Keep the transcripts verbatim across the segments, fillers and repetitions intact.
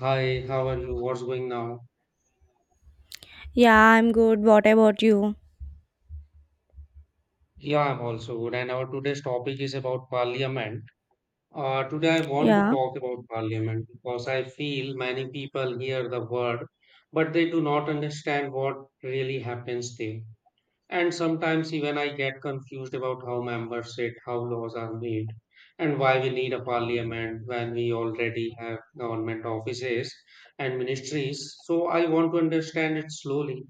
Hi, how are you? What's going now? Yeah, I'm good. What about you? Yeah, I'm also good. And our today's topic is about parliament. Uh, today I want to Yeah. talk about parliament because I feel many people hear the word, but they do not understand what really happens there. And sometimes even I get confused about how members sit, how laws are made, and why we need a parliament when we already have government offices and ministries. So I want to understand it slowly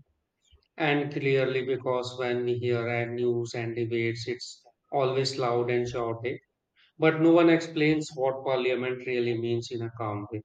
and clearly, because when we hear at news and debates, it's always loud and chaotic, but no one explains what parliament really means in a calm way.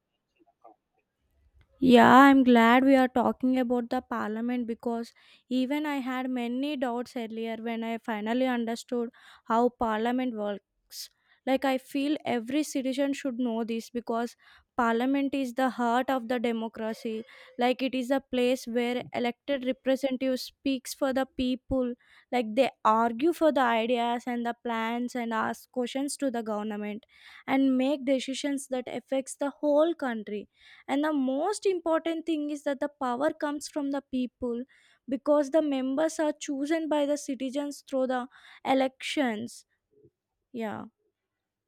Yeah, I'm glad we are talking about the parliament because even I had many doubts earlier when I finally understood how parliament works. Like, I feel every citizen should know this because parliament is the heart of the democracy. Like, it is a place where elected representatives speaks for the people. Like, they argue for the ideas and the plans and ask questions to the government and make decisions that affects the whole country, and the most important thing is that the power comes from the people because the members are chosen by the citizens through the elections. Yeah.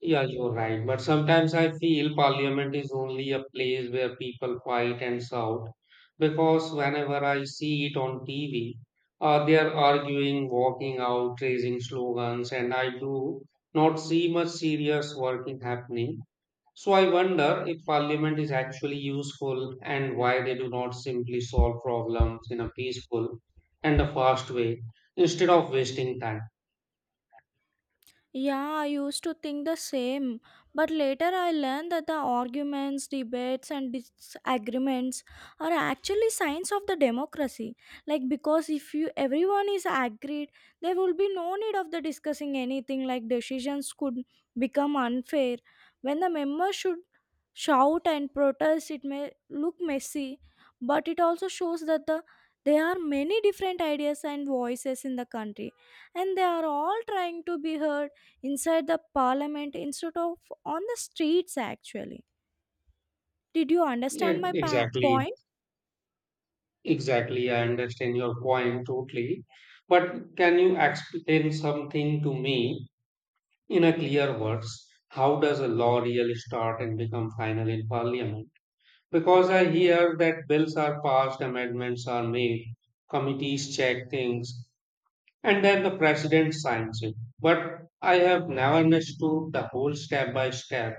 Yeah, you're right. But sometimes I feel parliament is only a place where people fight and shout, because whenever I see it on T V, uh, they are arguing, walking out, raising slogans, and I do not see much serious working happening. So I wonder if parliament is actually useful and why they do not simply solve problems in a peaceful and a fast way instead of wasting time. Yeah, I used to think the same, but later I learned that the arguments, debates, and disagreements are actually signs of the democracy. Like, because if you everyone is agreed, there will be no need of the discussing anything. Like, decisions could become unfair when the members should shout and protest. It may look messy, but it also shows that the there are many different ideas and voices in the country, and they are all trying to be heard inside the parliament instead of on the streets. Actually, did you Yeah, understand my pa- exactly, point? exactly. I understand your point totally. But can you explain something to me in a clear words? How does a law really start and become final in parliament? Because I hear that bills are passed, amendments are made, committees check things and then the president signs it. But I have never understood the whole step by step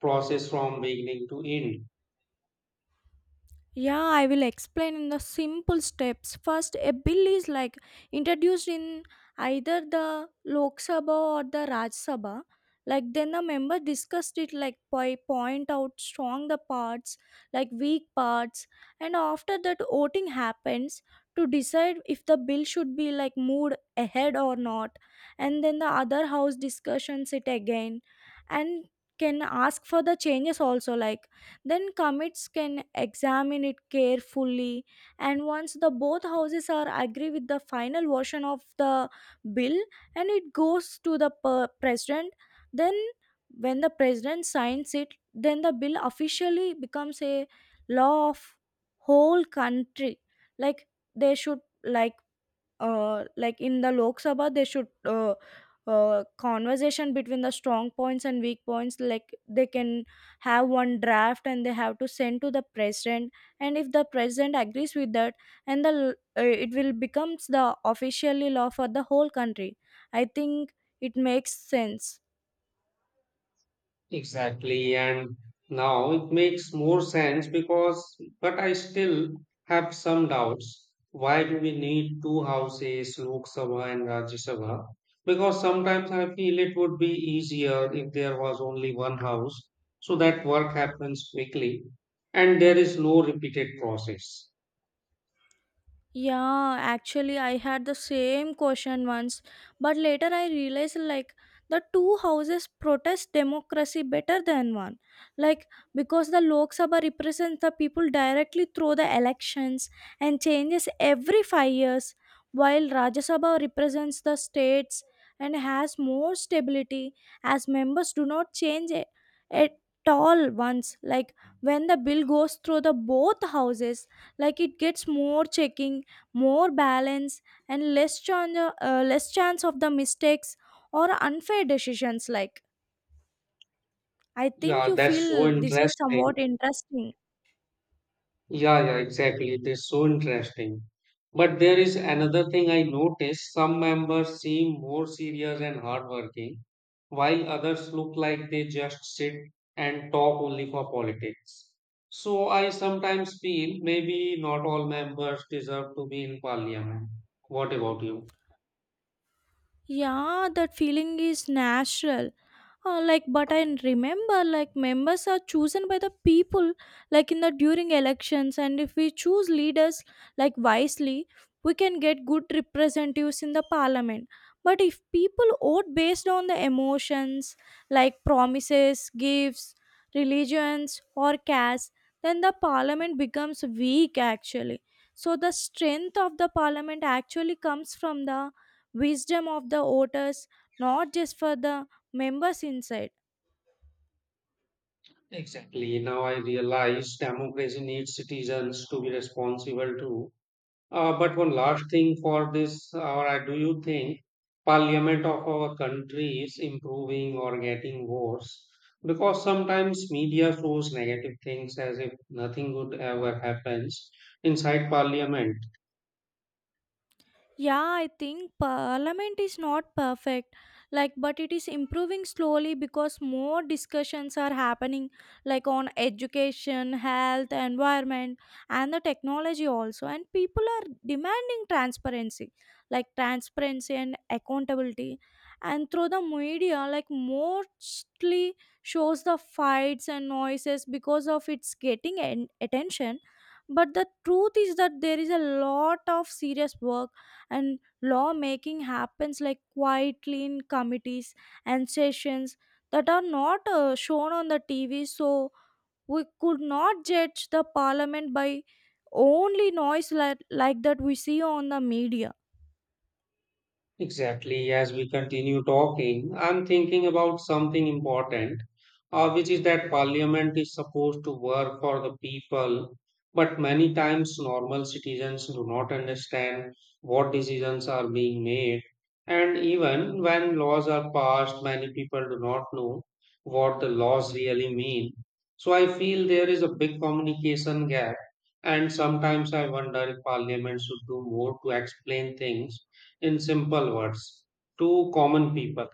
process from beginning to end. Yeah, I will explain in the simple steps. First, a bill is like introduced in either the Lok Sabha or the Raj Sabha. Like, then the member discussed it like by point out strong the parts, like weak parts, and after that voting happens to decide if the bill should be like moved ahead or not. And then the other house discussions it again and can ask for the changes also. Like, then commits can examine it carefully, and once the both houses are agree with the final version of the bill, and it goes to the per- president. Then when the president signs it, then the bill officially becomes a law of whole country. Like, they should, like, uh, like in the Lok Sabha, they should uh, uh, conversation between the strong points and weak points. Like, they can have one draft and they have to send to the president. And if the president agrees with that, and the l- uh, it will becomes the officially law for the whole country. I think it makes sense. Exactly. And now it makes more sense because, but I still have some doubts. Why do we need two houses, Lok Sabha and Rajya Sabha? Because sometimes I feel it would be easier if there was only one house so that work happens quickly and there is no repeated process. Yeah, actually, I had the same question once, but later I realized like the two houses protest democracy better than one. Like, because the Lok Sabha represents the people directly through the elections and changes every five years, while Rajya Sabha represents the states and has more stability as members do not change a- at all once. Like, when the bill goes through the both houses, like it gets more checking, more balance, and less chance, uh, less chance of the mistakes or unfair decisions. Like, I think Yeah, you that's feel so this is somewhat interesting. interesting. Yeah, yeah, exactly. It is so interesting. But there is another thing I noticed. Some members seem more serious and hardworking, while others look like they just sit and talk only for politics. So I sometimes feel maybe not all members deserve to be in parliament. What about you? Yeah, that feeling is natural. Uh, like, but I remember, like, members are chosen by the people like in the during elections, and if we choose leaders like wisely, we can get good representatives in the parliament. But if people vote based on the emotions, like promises, gifts, religions or caste, then the parliament becomes weak actually. So the strength of the parliament actually comes from the wisdom of the voters, not just for the members inside. Exactly. Now I realize democracy needs citizens to be responsible too. Uh, but one last thing for this, or I do you think parliament of our country is improving or getting worse? Because sometimes media shows negative things as if nothing good ever happens inside parliament. Yeah, I think parliament is not perfect, like, but it is improving slowly because more discussions are happening, like, on education, health, environment, and the technology also. And people are demanding transparency, like, transparency and accountability. And through the media, like, mostly shows the fights and noises because of its getting an attention. But the truth is that there is a lot of serious work and law making happens like quietly in committees and sessions that are not uh, shown on the T V. So we could not judge the parliament by only noise, like, like that we see on the media. Exactly. As we continue talking, I'm thinking about something important, uh, which is that parliament is supposed to work for the people, but many times normal citizens do not understand what decisions are being made. And even when laws are passed, many people do not know what the laws really mean. So I feel there is a big communication gap, and sometimes I wonder if parliament should do more to explain things in simple words to common people.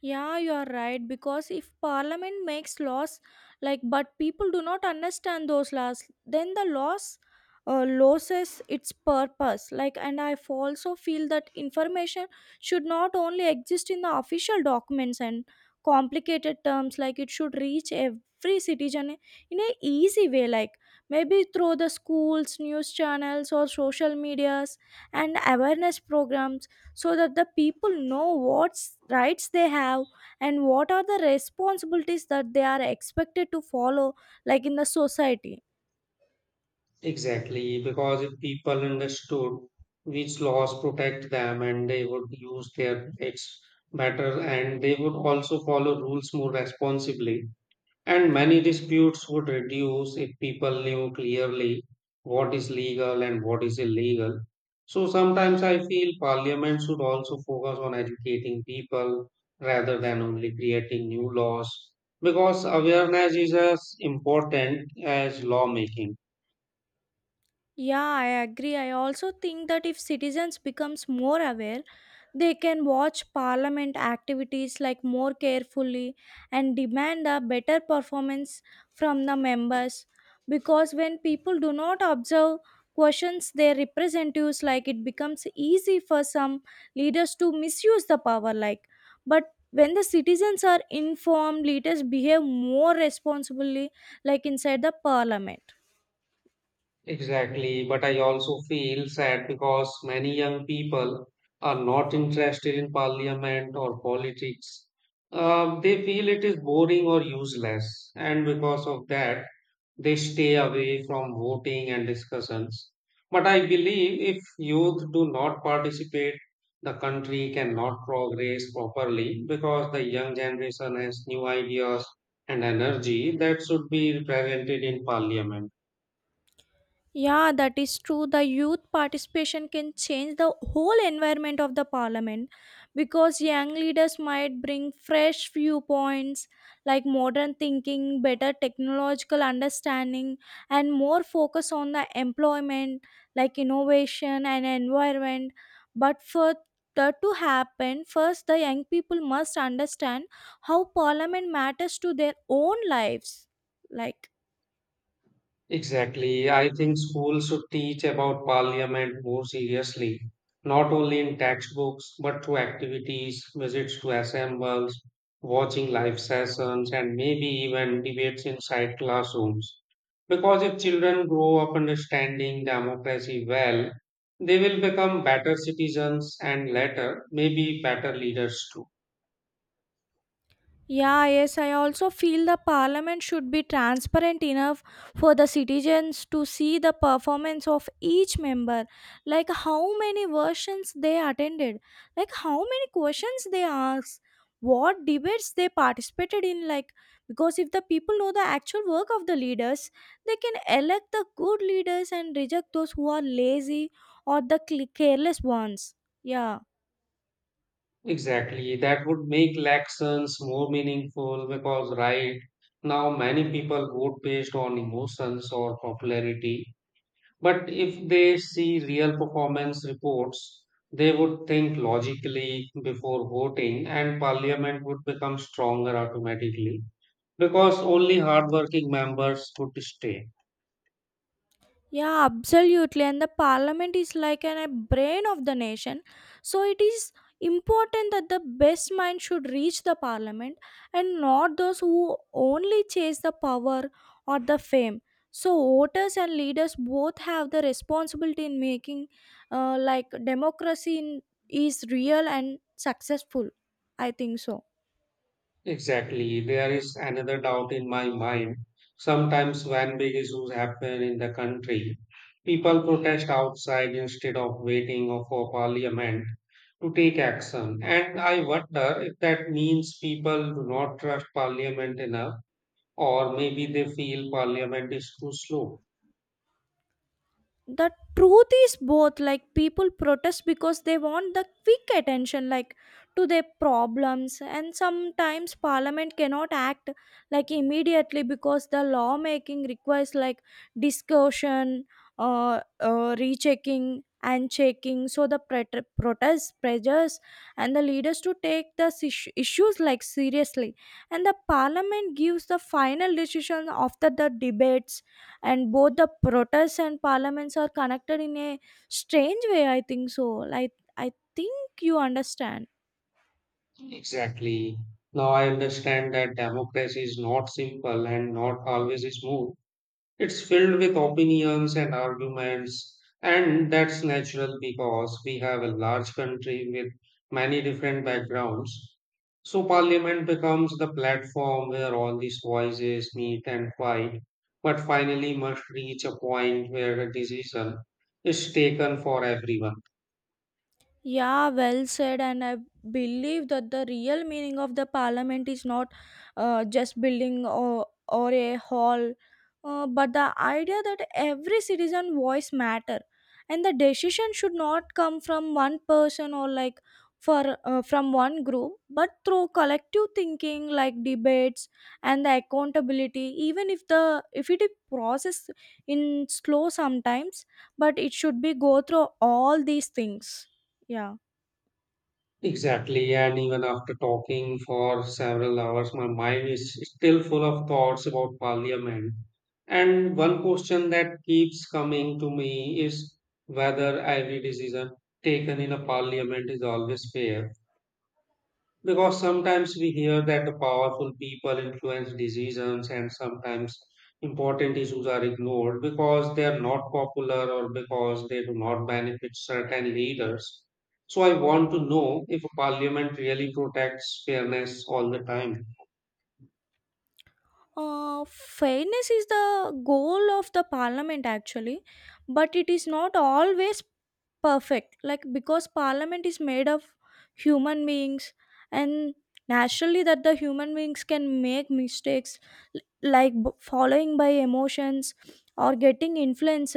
Yeah, you are right. Because if parliament makes laws, like, but people do not understand those laws, then the laws uh, loses its purpose. Like, and I f- also feel that information should not only exist in the official documents and complicated terms. Like, it should reach every citizen in a easy way. Like, maybe through the schools, news channels, or social medias and awareness programs so that the people know what rights they have and what are the responsibilities that they are expected to follow like in the society. Exactly, because if people understood which laws protect them and they would use their rights better and they would also follow rules more responsibly, and many disputes would reduce if people knew clearly what is legal and what is illegal. So sometimes I feel parliament should also focus on educating people rather than only creating new laws because awareness is as important as lawmaking. Yeah, I agree. I also think that if citizens becomes more aware, they can watch parliament activities like more carefully and demand a better performance from the members, because when people do not observe questions their representatives, like it becomes easy for some leaders to misuse the power. Like, but when the citizens are informed, leaders behave more responsibly like inside the parliament. Exactly, but I also feel sad because many young people are not interested in parliament or politics. Um, they feel it is boring or useless, and because of that, they stay away from voting and discussions. But I believe if youth do not participate, the country cannot progress properly because the young generation has new ideas and energy that should be represented in parliament. Yeah, that is true. The youth participation can change the whole environment of the parliament because young leaders might bring fresh viewpoints, like modern thinking, better technological understanding, and more focus on the employment, like innovation and environment. But for that to happen, first the young people must understand how parliament matters to their own lives. Like. Exactly. I think schools should teach about parliament more seriously, not only in textbooks, but through activities, visits to assembles, watching live sessions, and maybe even debates inside classrooms. Because if children grow up understanding democracy well, they will become better citizens and later, maybe better leaders too. Yeah, yes, I also feel the parliament should be transparent enough for the citizens to see the performance of each member, like how many versions they attended, like how many questions they asked, what debates they participated in, like, because if the people know the actual work of the leaders, they can elect the good leaders and reject those who are lazy or the cl- careless ones. Yeah. Exactly. That would make lessons more meaningful because right now many people vote based on emotions or popularity. But if they see real performance reports, they would think logically before voting and parliament would become stronger automatically because only hardworking members would stay. Yeah, absolutely. And the parliament is like an, a brain of the nation. So it is important that the best mind should reach the parliament, and not those who only chase the power or the fame. So voters and leaders both have the responsibility in making, uh, like democracy in, is real and successful. I think so. Exactly. There is another doubt in my mind. Sometimes when big issues happen in the country, people protest outside instead of waiting for parliament to take action. And I wonder if that means people do not trust parliament enough, or maybe they feel parliament is too slow. The truth is both, like people protest because they want the quick attention like to their problems, and sometimes parliament cannot act like immediately because the lawmaking requires like discussion, uh, uh rechecking and checking. So the pret- protest pressures and the leaders to take the sis- issues like seriously, and the parliament gives the final decision after the debates. And both the protests and parliaments are connected in a strange way, I think so. Like, I think you understand. Exactly. Now I understand that democracy is not simple and not always smooth. It's filled with opinions and arguments, and that's natural because we have a large country with many different backgrounds. So, parliament becomes the platform where all these voices meet and fight, but finally must reach a point where a decision is taken for everyone. Yeah, well said. And I believe that the real meaning of the parliament is not uh, just building, or, or a hall, uh, but the idea that every citizen voice matter, and the decision should not come from one person, or like for uh, from one group, but through collective thinking, like debates and the accountability. Even if the if it is process in slow sometimes, but it should be go through all these things. Yeah. Exactly, and even after talking for several hours, my mind is still full of thoughts about parliament. And one question that keeps coming to me is whether every decision taken in a parliament is always fair. Because sometimes we hear that the powerful people influence decisions, and sometimes important issues are ignored because they are not popular or because they do not benefit certain leaders. So, I want to know if parliament really protects fairness all the time. Uh, fairness is the goal of the parliament actually, but it is not always perfect. Like, because parliament is made of human beings, and naturally that the human beings can make mistakes, l- like b- following by emotions or getting influenced.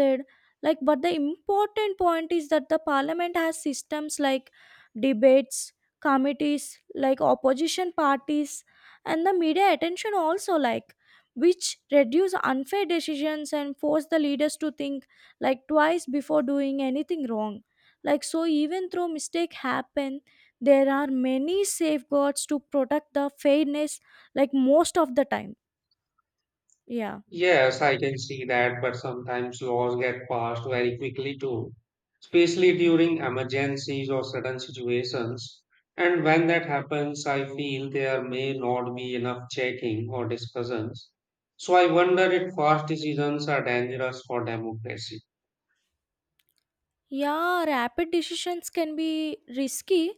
Like, but the important point is that the parliament has systems, like debates, committees, like opposition parties, and the media attention also, like which reduce unfair decisions and force the leaders to think like twice before doing anything wrong. Like, so even though mistake happen, there are many safeguards to protect the fairness like most of the time. Yeah. Yes, I can see that, but sometimes laws get passed very quickly too, especially during emergencies or sudden situations. And when that happens, I feel there may not be enough checking or discussions. So I wonder if fast decisions are dangerous for democracy. Yeah, rapid decisions can be risky,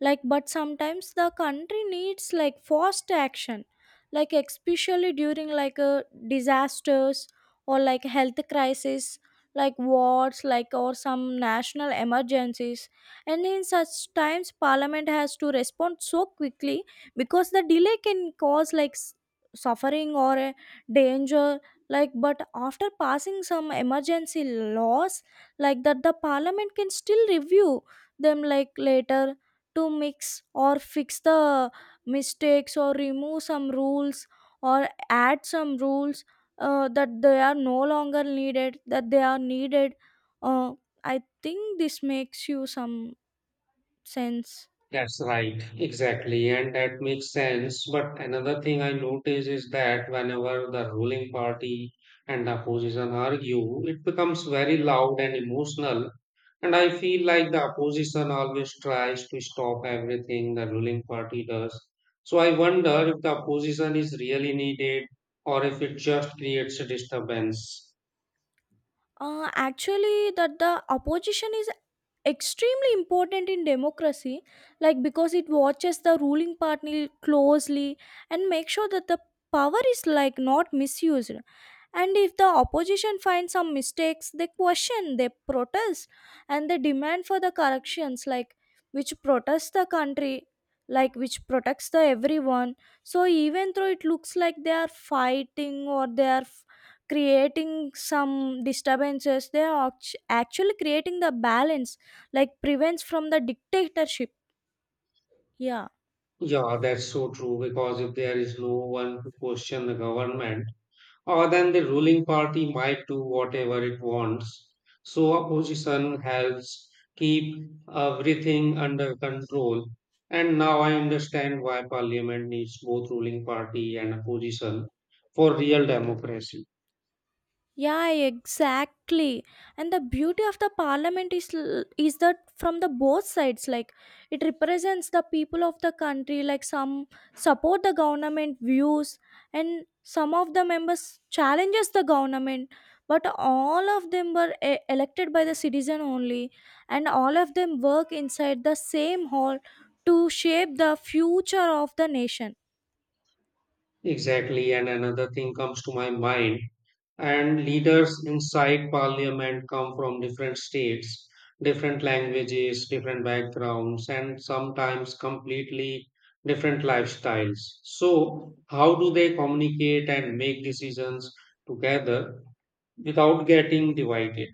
like but sometimes the country needs like fast action, like especially during like a disasters, or like health crisis, like wars, like or some national emergencies. And in such times, Parliament has to respond so quickly because the delay can cause like s- suffering or a danger. Like, but after passing some emergency laws, like that the parliament can still review them like later to mix or fix the mistakes, or remove some rules or add some rules uh, that they are no longer needed that they are needed. uh, I think this makes you some sense. That's right, exactly, and that makes sense. But another thing I notice is that whenever the ruling party and the opposition argue, it becomes very loud and emotional. And I feel like the opposition always tries to stop everything the ruling party does. So I wonder if the opposition is really needed or if it just creates a disturbance. Uh, actually, that the opposition is extremely important in democracy, like because it watches the ruling party closely and make sure that the power is like not misused. And if the opposition finds some mistakes, they question, they protest, and they demand for the corrections, like which protects the country, like which protects the everyone. So even though it looks like they are fighting or they are creating some disturbances, they are act- actually creating the balance like prevents from the dictatorship. Yeah. Yeah, that's so true because if there is no one to question the government, or then the ruling party might do whatever it wants. So opposition helps keep everything under control. And now I understand why parliament needs both ruling party and opposition for real democracy. Yeah, exactly. And the beauty of the parliament is l- is that from the both sides, like it represents the people of the country. Like some support the government views, and some of the members challenges the government. But all of them were e- elected by the citizen only, and all of them work inside the same hall to shape the future of the nation. Exactly. And another thing comes to my mind and leaders inside parliament come from different states, different languages, different backgrounds, and sometimes completely different lifestyles. So how do they communicate and make decisions together without getting divided?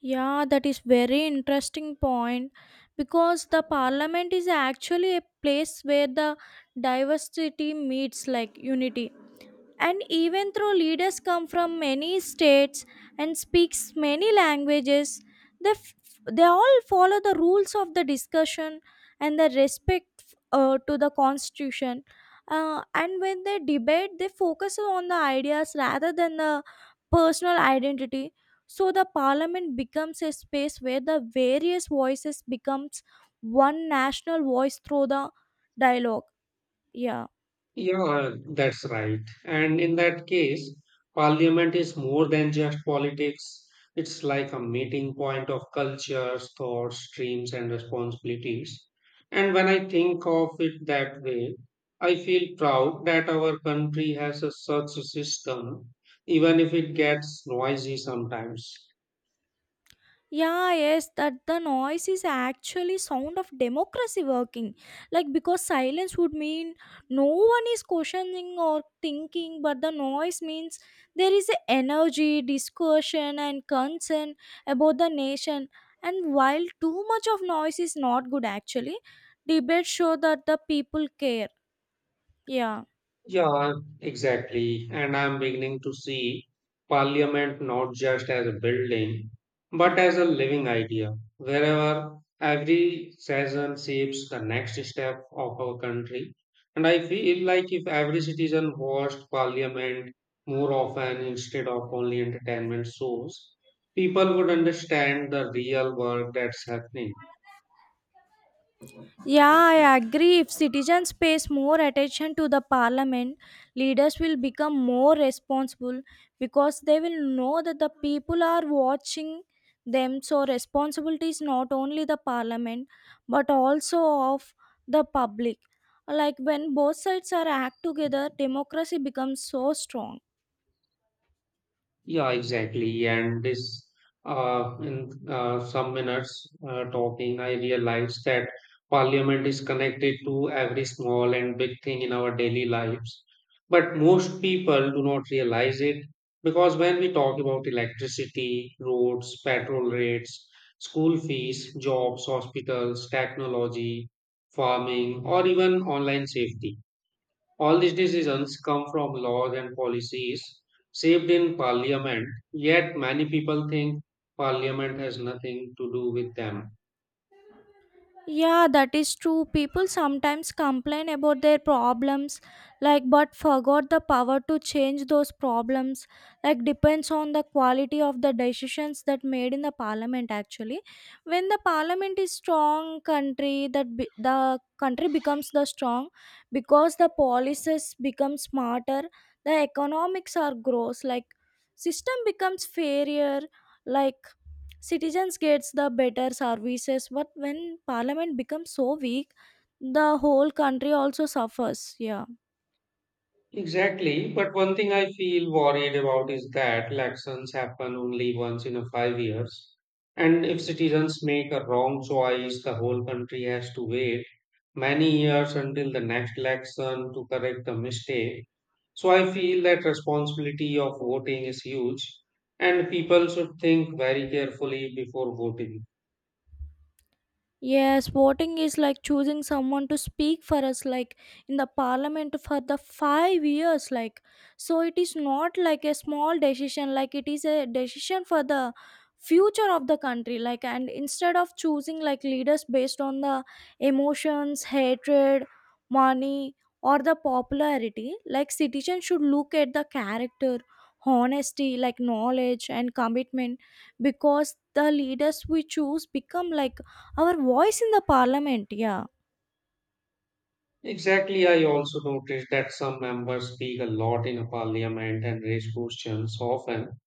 Yeah, that is very interesting point because the parliament is actually a place where the diversity meets like unity. And even though leaders come from many states and speaks many languages, they, f- they all follow the rules of the discussion and the respect uh, to the constitution. Uh, and when they debate, they focus on the ideas rather than the personal identity so the parliament becomes a space where the various voices becomes one national voice through the dialogue. Yeah. Yeah, that's right. And in that case, parliament is more than just politics. It's like a meeting point of cultures, thoughts, streams, and responsibilities. And when I think of it that way, I feel proud that our country has a such a system, even if it gets noisy sometimes. Yeah, yes, that the noise is actually sound of democracy working. Like because silence would mean no one is questioning or thinking, but the noise means there is a energy, discussion and concern about the nation. And while too much of noise is not good actually, debates show that the people care. Yeah, Yeah, exactly. And I'm beginning to see parliament not just as a building, but as a living idea, wherever every session shapes the next step of our country. And I feel like if every citizen watched parliament more often instead of only entertainment shows, people would understand the real work that's happening. yeah, I agree. If citizens pays more attention to the parliament, leaders will become more responsible because they will know that the people are watching them. So, responsibility is not only the parliament but also of the public. Like when both sides are act together, democracy becomes so strong. Yeah, exactly. And this, uh, in uh, some minutes uh, talking, I realized that parliament is connected to every small and big thing in our daily lives. But most people do not realize it because when we talk about electricity, roads, petrol rates, school fees, jobs, hospitals, technology, farming, or even online safety. All these decisions come from laws and policies shaped in parliament, yet many people think parliament has nothing to do with them. Yeah, that is true. People sometimes complain about their problems, like, but forgot the power to change those problems. Like, depends on the quality of the decisions that made in the parliament. Actually, when the parliament is strong, country that be, the country becomes the strong because the policies become smarter. The economics are grows like system becomes fairer. Like citizens gets the better services but when parliament becomes so weak the whole country also suffers. Yeah. Exactly, but one thing I feel worried about is that elections happen only once in a five years, and if citizens make a wrong choice, the whole country has to wait many years until the next election to correct the mistake. So I feel that responsibility of voting is huge and people should think very carefully before voting. Yes, voting is like choosing someone to speak for us, like in the parliament for the five years. Like, so it is not like a small decision, like, it is a decision for the future of the country. Like, and instead of choosing like leaders based on the emotions, hatred, money, or the popularity, like, citizens should look at the character, honesty, like knowledge, and commitment because the leaders we choose become like our voice in the parliament. Yeah. Exactly, I also noticed that some members speak a lot in a parliament and raise questions often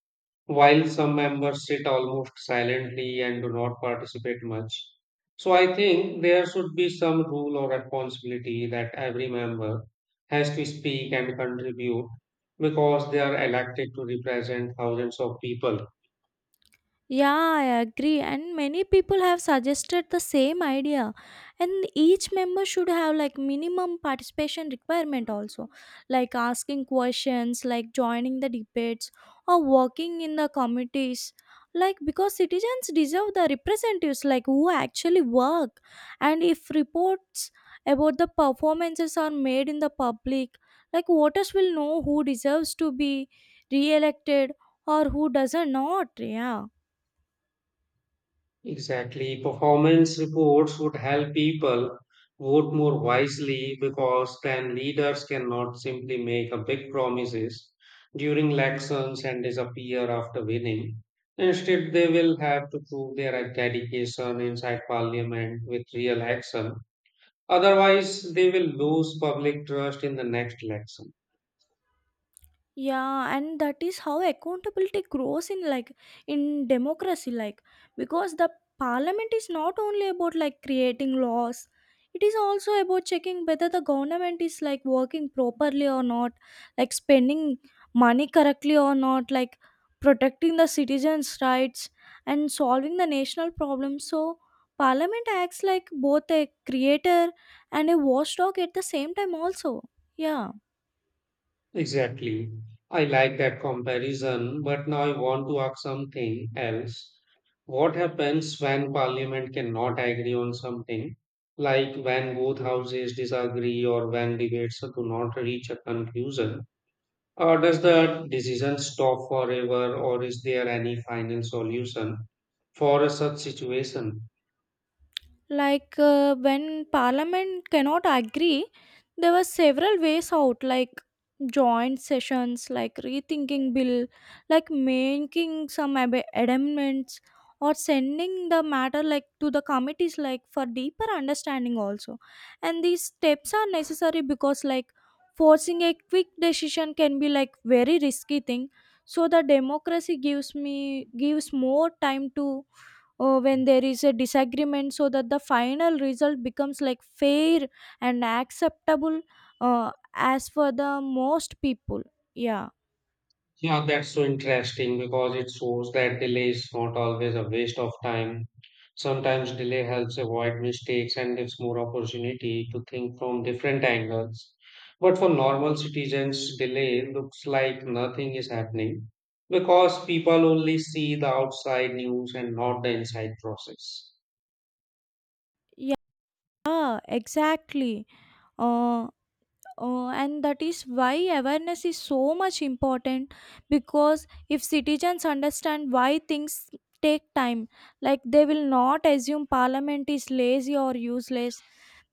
while some members sit almost silently and do not participate much. So I think there should be some rule or responsibility that every member has to speak and contribute because they are elected to represent thousands of people. Yeah, I agree. And many people have suggested the same idea. And each member should have like minimum participation requirement also, like asking questions, like joining the debates, or working in the committees. Like because citizens deserve the representatives like who actually work. And if reports about the performances are made in the public, like voters will know who deserves to be re-elected or who doesn't not. Yeah. Exactly. Performance reports would help people vote more wisely because then leaders cannot simply make a big promises during elections and disappear after winning. Instead, they will have to prove their dedication inside parliament with real action. Otherwise, they will lose public trust in the next election. Yeah, and that is how accountability grows in like in democracy, like because the parliament is not only about like creating laws, it is also about checking whether the government is like working properly or not, like spending money correctly or not, like protecting the citizens' rights and solving the national problems. So parliament acts like both a creator and a watchdog at the same time also. Yeah. Exactly. I like that comparison, but now I want to ask something else. What happens when parliament cannot agree on something, like when both houses disagree or when debates do not reach a conclusion? Or does the decision stop forever, or is there any final solution for a such situation? Like uh, when parliament cannot agree there were several ways out like joint sessions like rethinking bill like making some ab- amendments or sending the matter like to the committees like for deeper understanding also. And these steps are necessary because like forcing a quick decision can be like very risky thing so the democracy gives me gives more time to uh, when there is a disagreement so that the final result becomes like fair and acceptable uh, as for the most people. Yeah. Yeah, that's so interesting because it shows that delay is not always a waste of time. Sometimes delay helps avoid mistakes and gives more opportunity to think from different angles. But for normal citizens, delay looks like nothing is happening because people only see the outside news and not the inside process. Yeah, exactly. Uh, uh, and that is why awareness is so much important because if citizens understand why things take time like they will not assume parliament is lazy or useless.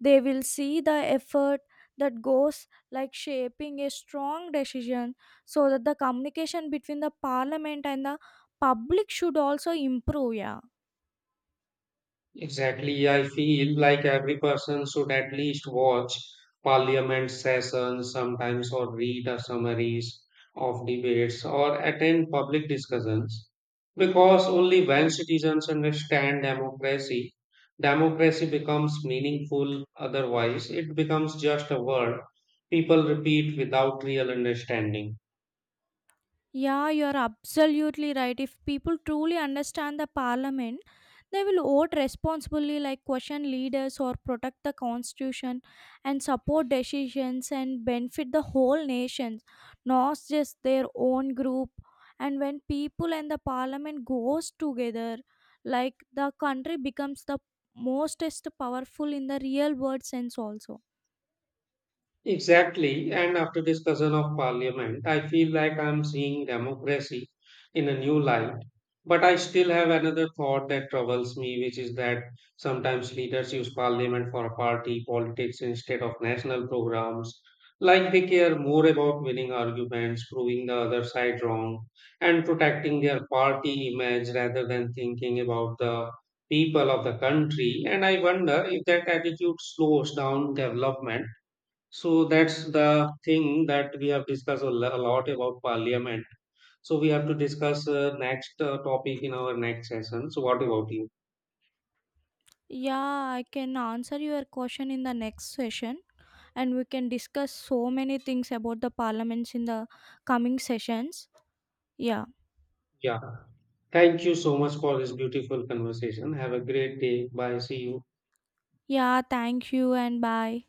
They will see the effort that goes like shaping a strong decision so that the communication between the parliament and the public should also improve. Yeah. Exactly. I feel like every person should at least watch parliament sessions sometimes or read the summaries of debates or attend public discussions because only when citizens understand democracy, democracy becomes meaningful. Otherwise, it becomes just a word people repeat without real understanding. Yeah, you're absolutely right. If people truly understand the parliament, they will vote responsibly, like question leaders or protect the constitution and support decisions and benefit the whole nation, not just their own group. And when people and the parliament goes together, like the country becomes the mostest powerful in the real world sense also. Exactly. And after discussion of parliament, I feel like I'm seeing democracy in a new light. But I still have another thought that troubles me, which is that sometimes leaders use parliament for party politics instead of national programs. Like they care more about winning arguments, proving the other side wrong, and protecting their party image rather than thinking about the people of the country. And I wonder if that attitude slows down development. So that's the thing that we have discussed a lo- a lot about parliament. So we have to discuss uh, next uh, topic in our next session. So what about you? Yeah, I can answer your question in the next session. And we can discuss so many things about the parliaments in the coming sessions. Yeah. Yeah. Thank you so much for this beautiful conversation. Have a great day. Bye. See you. Yeah, thank you and bye.